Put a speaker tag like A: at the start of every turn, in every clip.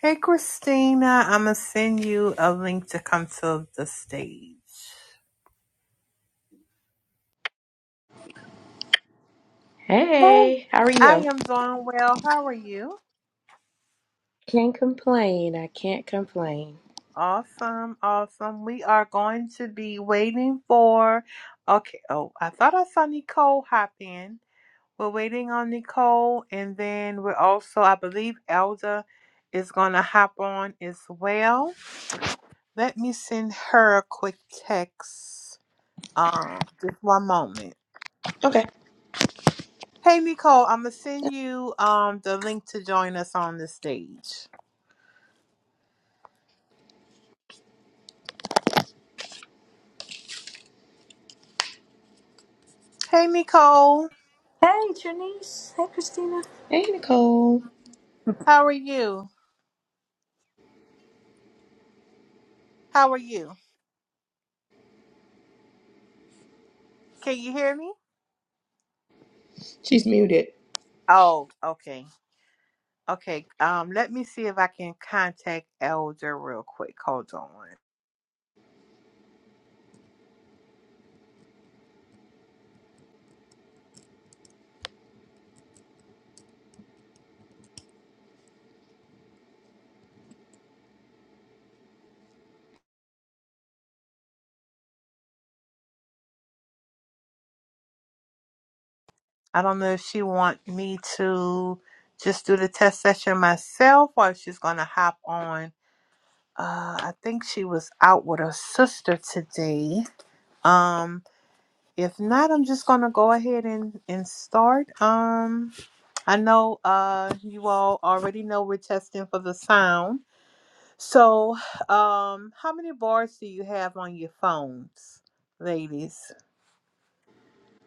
A: Hey, Christina, I'm going to send you a link to come to the stage. Hey.
B: Hey, how are
A: I
B: you?
A: am doing well. How are you?
B: Can't complain. I can't complain.
A: Awesome, awesome. We are going to be waiting for. Okay, oh, I thought I saw Nicole hop in. We're waiting on Nicole, and then we're also, I believe, Elda is going to hop on as well. Let me send her a quick text. Um, just one moment.
B: Okay.
A: Hey Nicole, I'm gonna send you um the link to join us on the stage. Hey Nicole,
C: Hey, Janice. Hey, Christina.
B: Hey, Nicole.
A: how are you? How are you? Can you hear me?
B: She's muted.
A: Oh, okay. Okay. Um let me see if I can contact Elder real quick. Hold on. I don't know if she want me to just do the test session myself or if she's gonna hop on. Uh I think she was out with her sister today. Um If not, I'm just gonna go ahead and and start. Um, I know uh you all already know we're testing for the sound. So, um, how many bars do you have on your phones, ladies?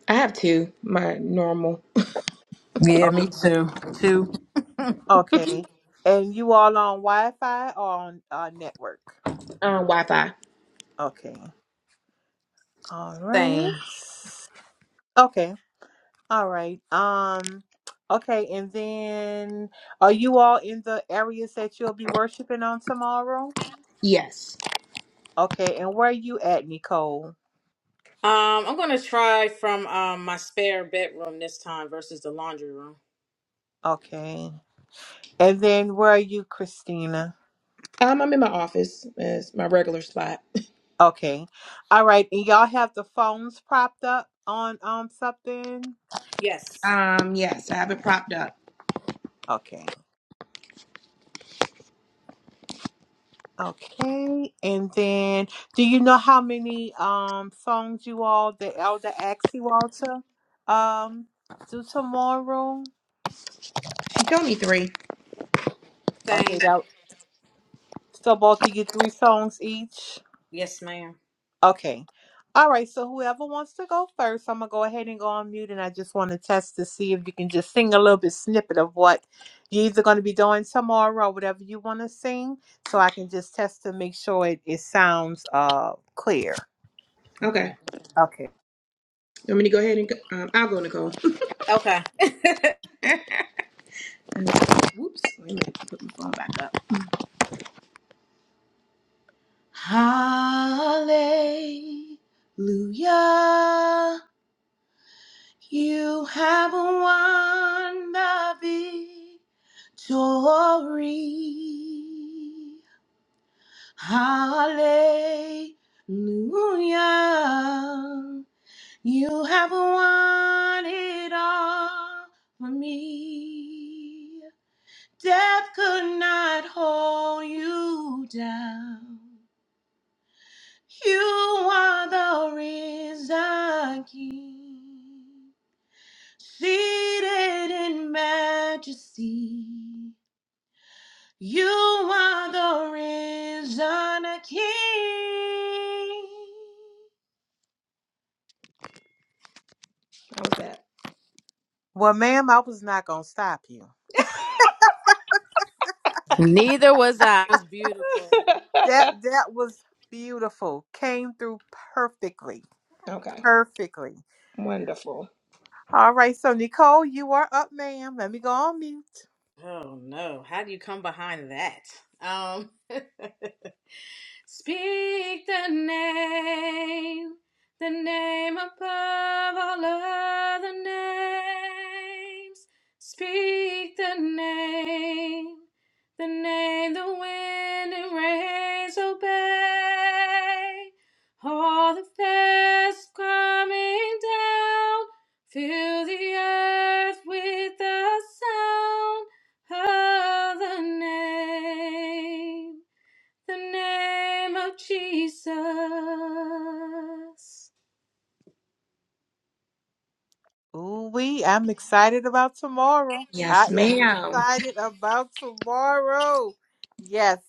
B: I have two, my normal
C: Yeah, me
A: Um,
C: too. Too
A: okay, and you all on Wi-Fi or on uh, network?
B: um, Wi Fi.
A: Okay, all
C: same.
A: right. Okay, all right. Um, okay, and then are you all in the areas that you'll be worshiping on tomorrow?
B: Yes.
A: Okay, and where are you at, Nicole?
C: Um, I'm gonna try from um my spare bedroom this time versus the laundry room.
A: Okay. And then where are you, Christina?
B: Um, I'm in my office as my regular spot.
A: Okay. All right. And y'all have the phones propped up on um something?
C: Yes.
B: Um, yes, I have it propped up.
A: Okay. Okay. And then do you know how many um songs you all the elder asked you all to um do tomorrow?
B: She told me three.
A: Okay,
C: Same.
A: that so both of you three songs each?
C: Yes, ma'am.
A: Okay. All right. So whoever wants to go first, I'm gonna go ahead and go on mute, and I just want to test to see if you can just sing a little bit snippet of what you're either gonna be doing tomorrow or whatever you want to sing, so I can just test to make sure it, it sounds uh clear.
B: Okay.
C: Okay.
A: Okay.
B: You want me to go ahead and go- um, I'll go, Nicole.
C: Okay.
B: And- Whoops. Wait a minute. Put my phone back up. Hallelujah. You have won the victory. Hallelujah. You have won it all for me. Death could not hold you down. You are the risen King. Seated in majesty, you are the risen King. How's that?
A: Well, ma'am, I was not gonna stop you.
C: Neither was I. It was beautiful.
A: That that was beautiful. Came through perfectly.
B: Okay,
A: Perfectly.
B: wonderful.
A: All right. So Nicole, you are up, ma'am. Let me go on mute.
C: Oh no. How do you come behind that? Um Speak the name, the name above all other names. Speak the name, the name the wind and rains obey. All the fast coming down, fill the earth with the sound of the name the name of Jesus.
A: Ooh wee, I'm excited about tomorrow.
B: Yes,
A: I am
B: madam
A: excited about tomorrow. Yes,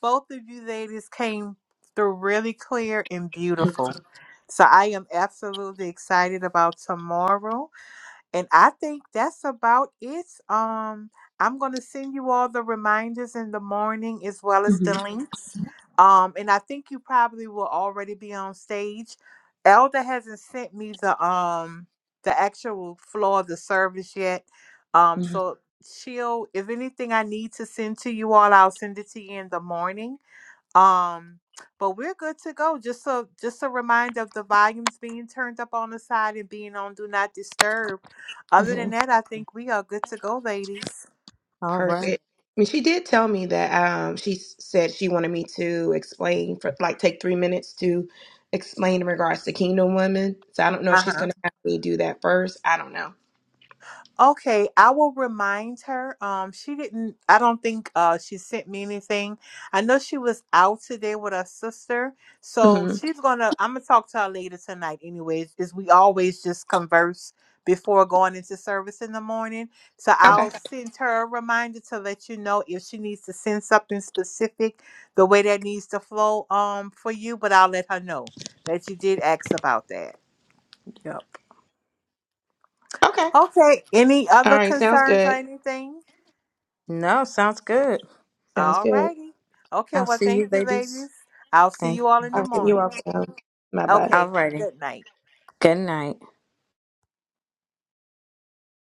A: both of you ladies came through really clear and beautiful. So I am absolutely excited about tomorrow. And I think that's about it. Um, I'm going to send you all the reminders in the morning as well as
B: Mm-hmm. hmm
A: the Mhm. links. Um, and I think you probably will already be on stage. Elder hasn't sent me the um the actual floor of the service yet. Um,
B: hmm
A: so she'll if anything I need to send to you all, I'll send it to you in the morning. Um, but we're good to go. Just a just a reminder of the volumes being turned up on the side and being on do not disturb. Other
B: hmm
A: than that, I think we are good to go, ladies.
C: Oh,
B: Perfect. I mean, she did tell me that um, she s- said she wanted me to explain for like take three minutes to explain in regards to Kingdom Women. So I don't know if
A: Uh huh.
B: she's gonna have me do that first. I don't know.
A: Okay, I will remind her. Um, she didn't. I don't think uh she sent me anything. I know she was out today with her sister, so
B: hmm
A: she's gonna. I'm gonna talk to her later tonight. Anyways, is we always just converse before going into service in the morning. So
B: Okay.
C: okay.
A: I'll send her a reminder to let you know if she needs to send something specific, the way that needs to flow um for you. But I'll let her know that you did ask about that.
C: Yep.
B: Okay.
A: Okay. Any
B: All
A: other
B: right, sounds
A: concerns or
B: good.
A: anything?
C: No, sounds good.
B: Sounds
A: All
B: good.
A: righty. Okay,
C: I'll
A: well,
C: see
A: thank
C: you
A: you,
C: ladies.
A: ladies. I'll see
C: Thank.
A: you all in
B: All
A: the
B: right, you
A: morning.
B: all sound. Bye bye.
C: All
A: Okay,
C: righty.
A: good night.
C: Good night.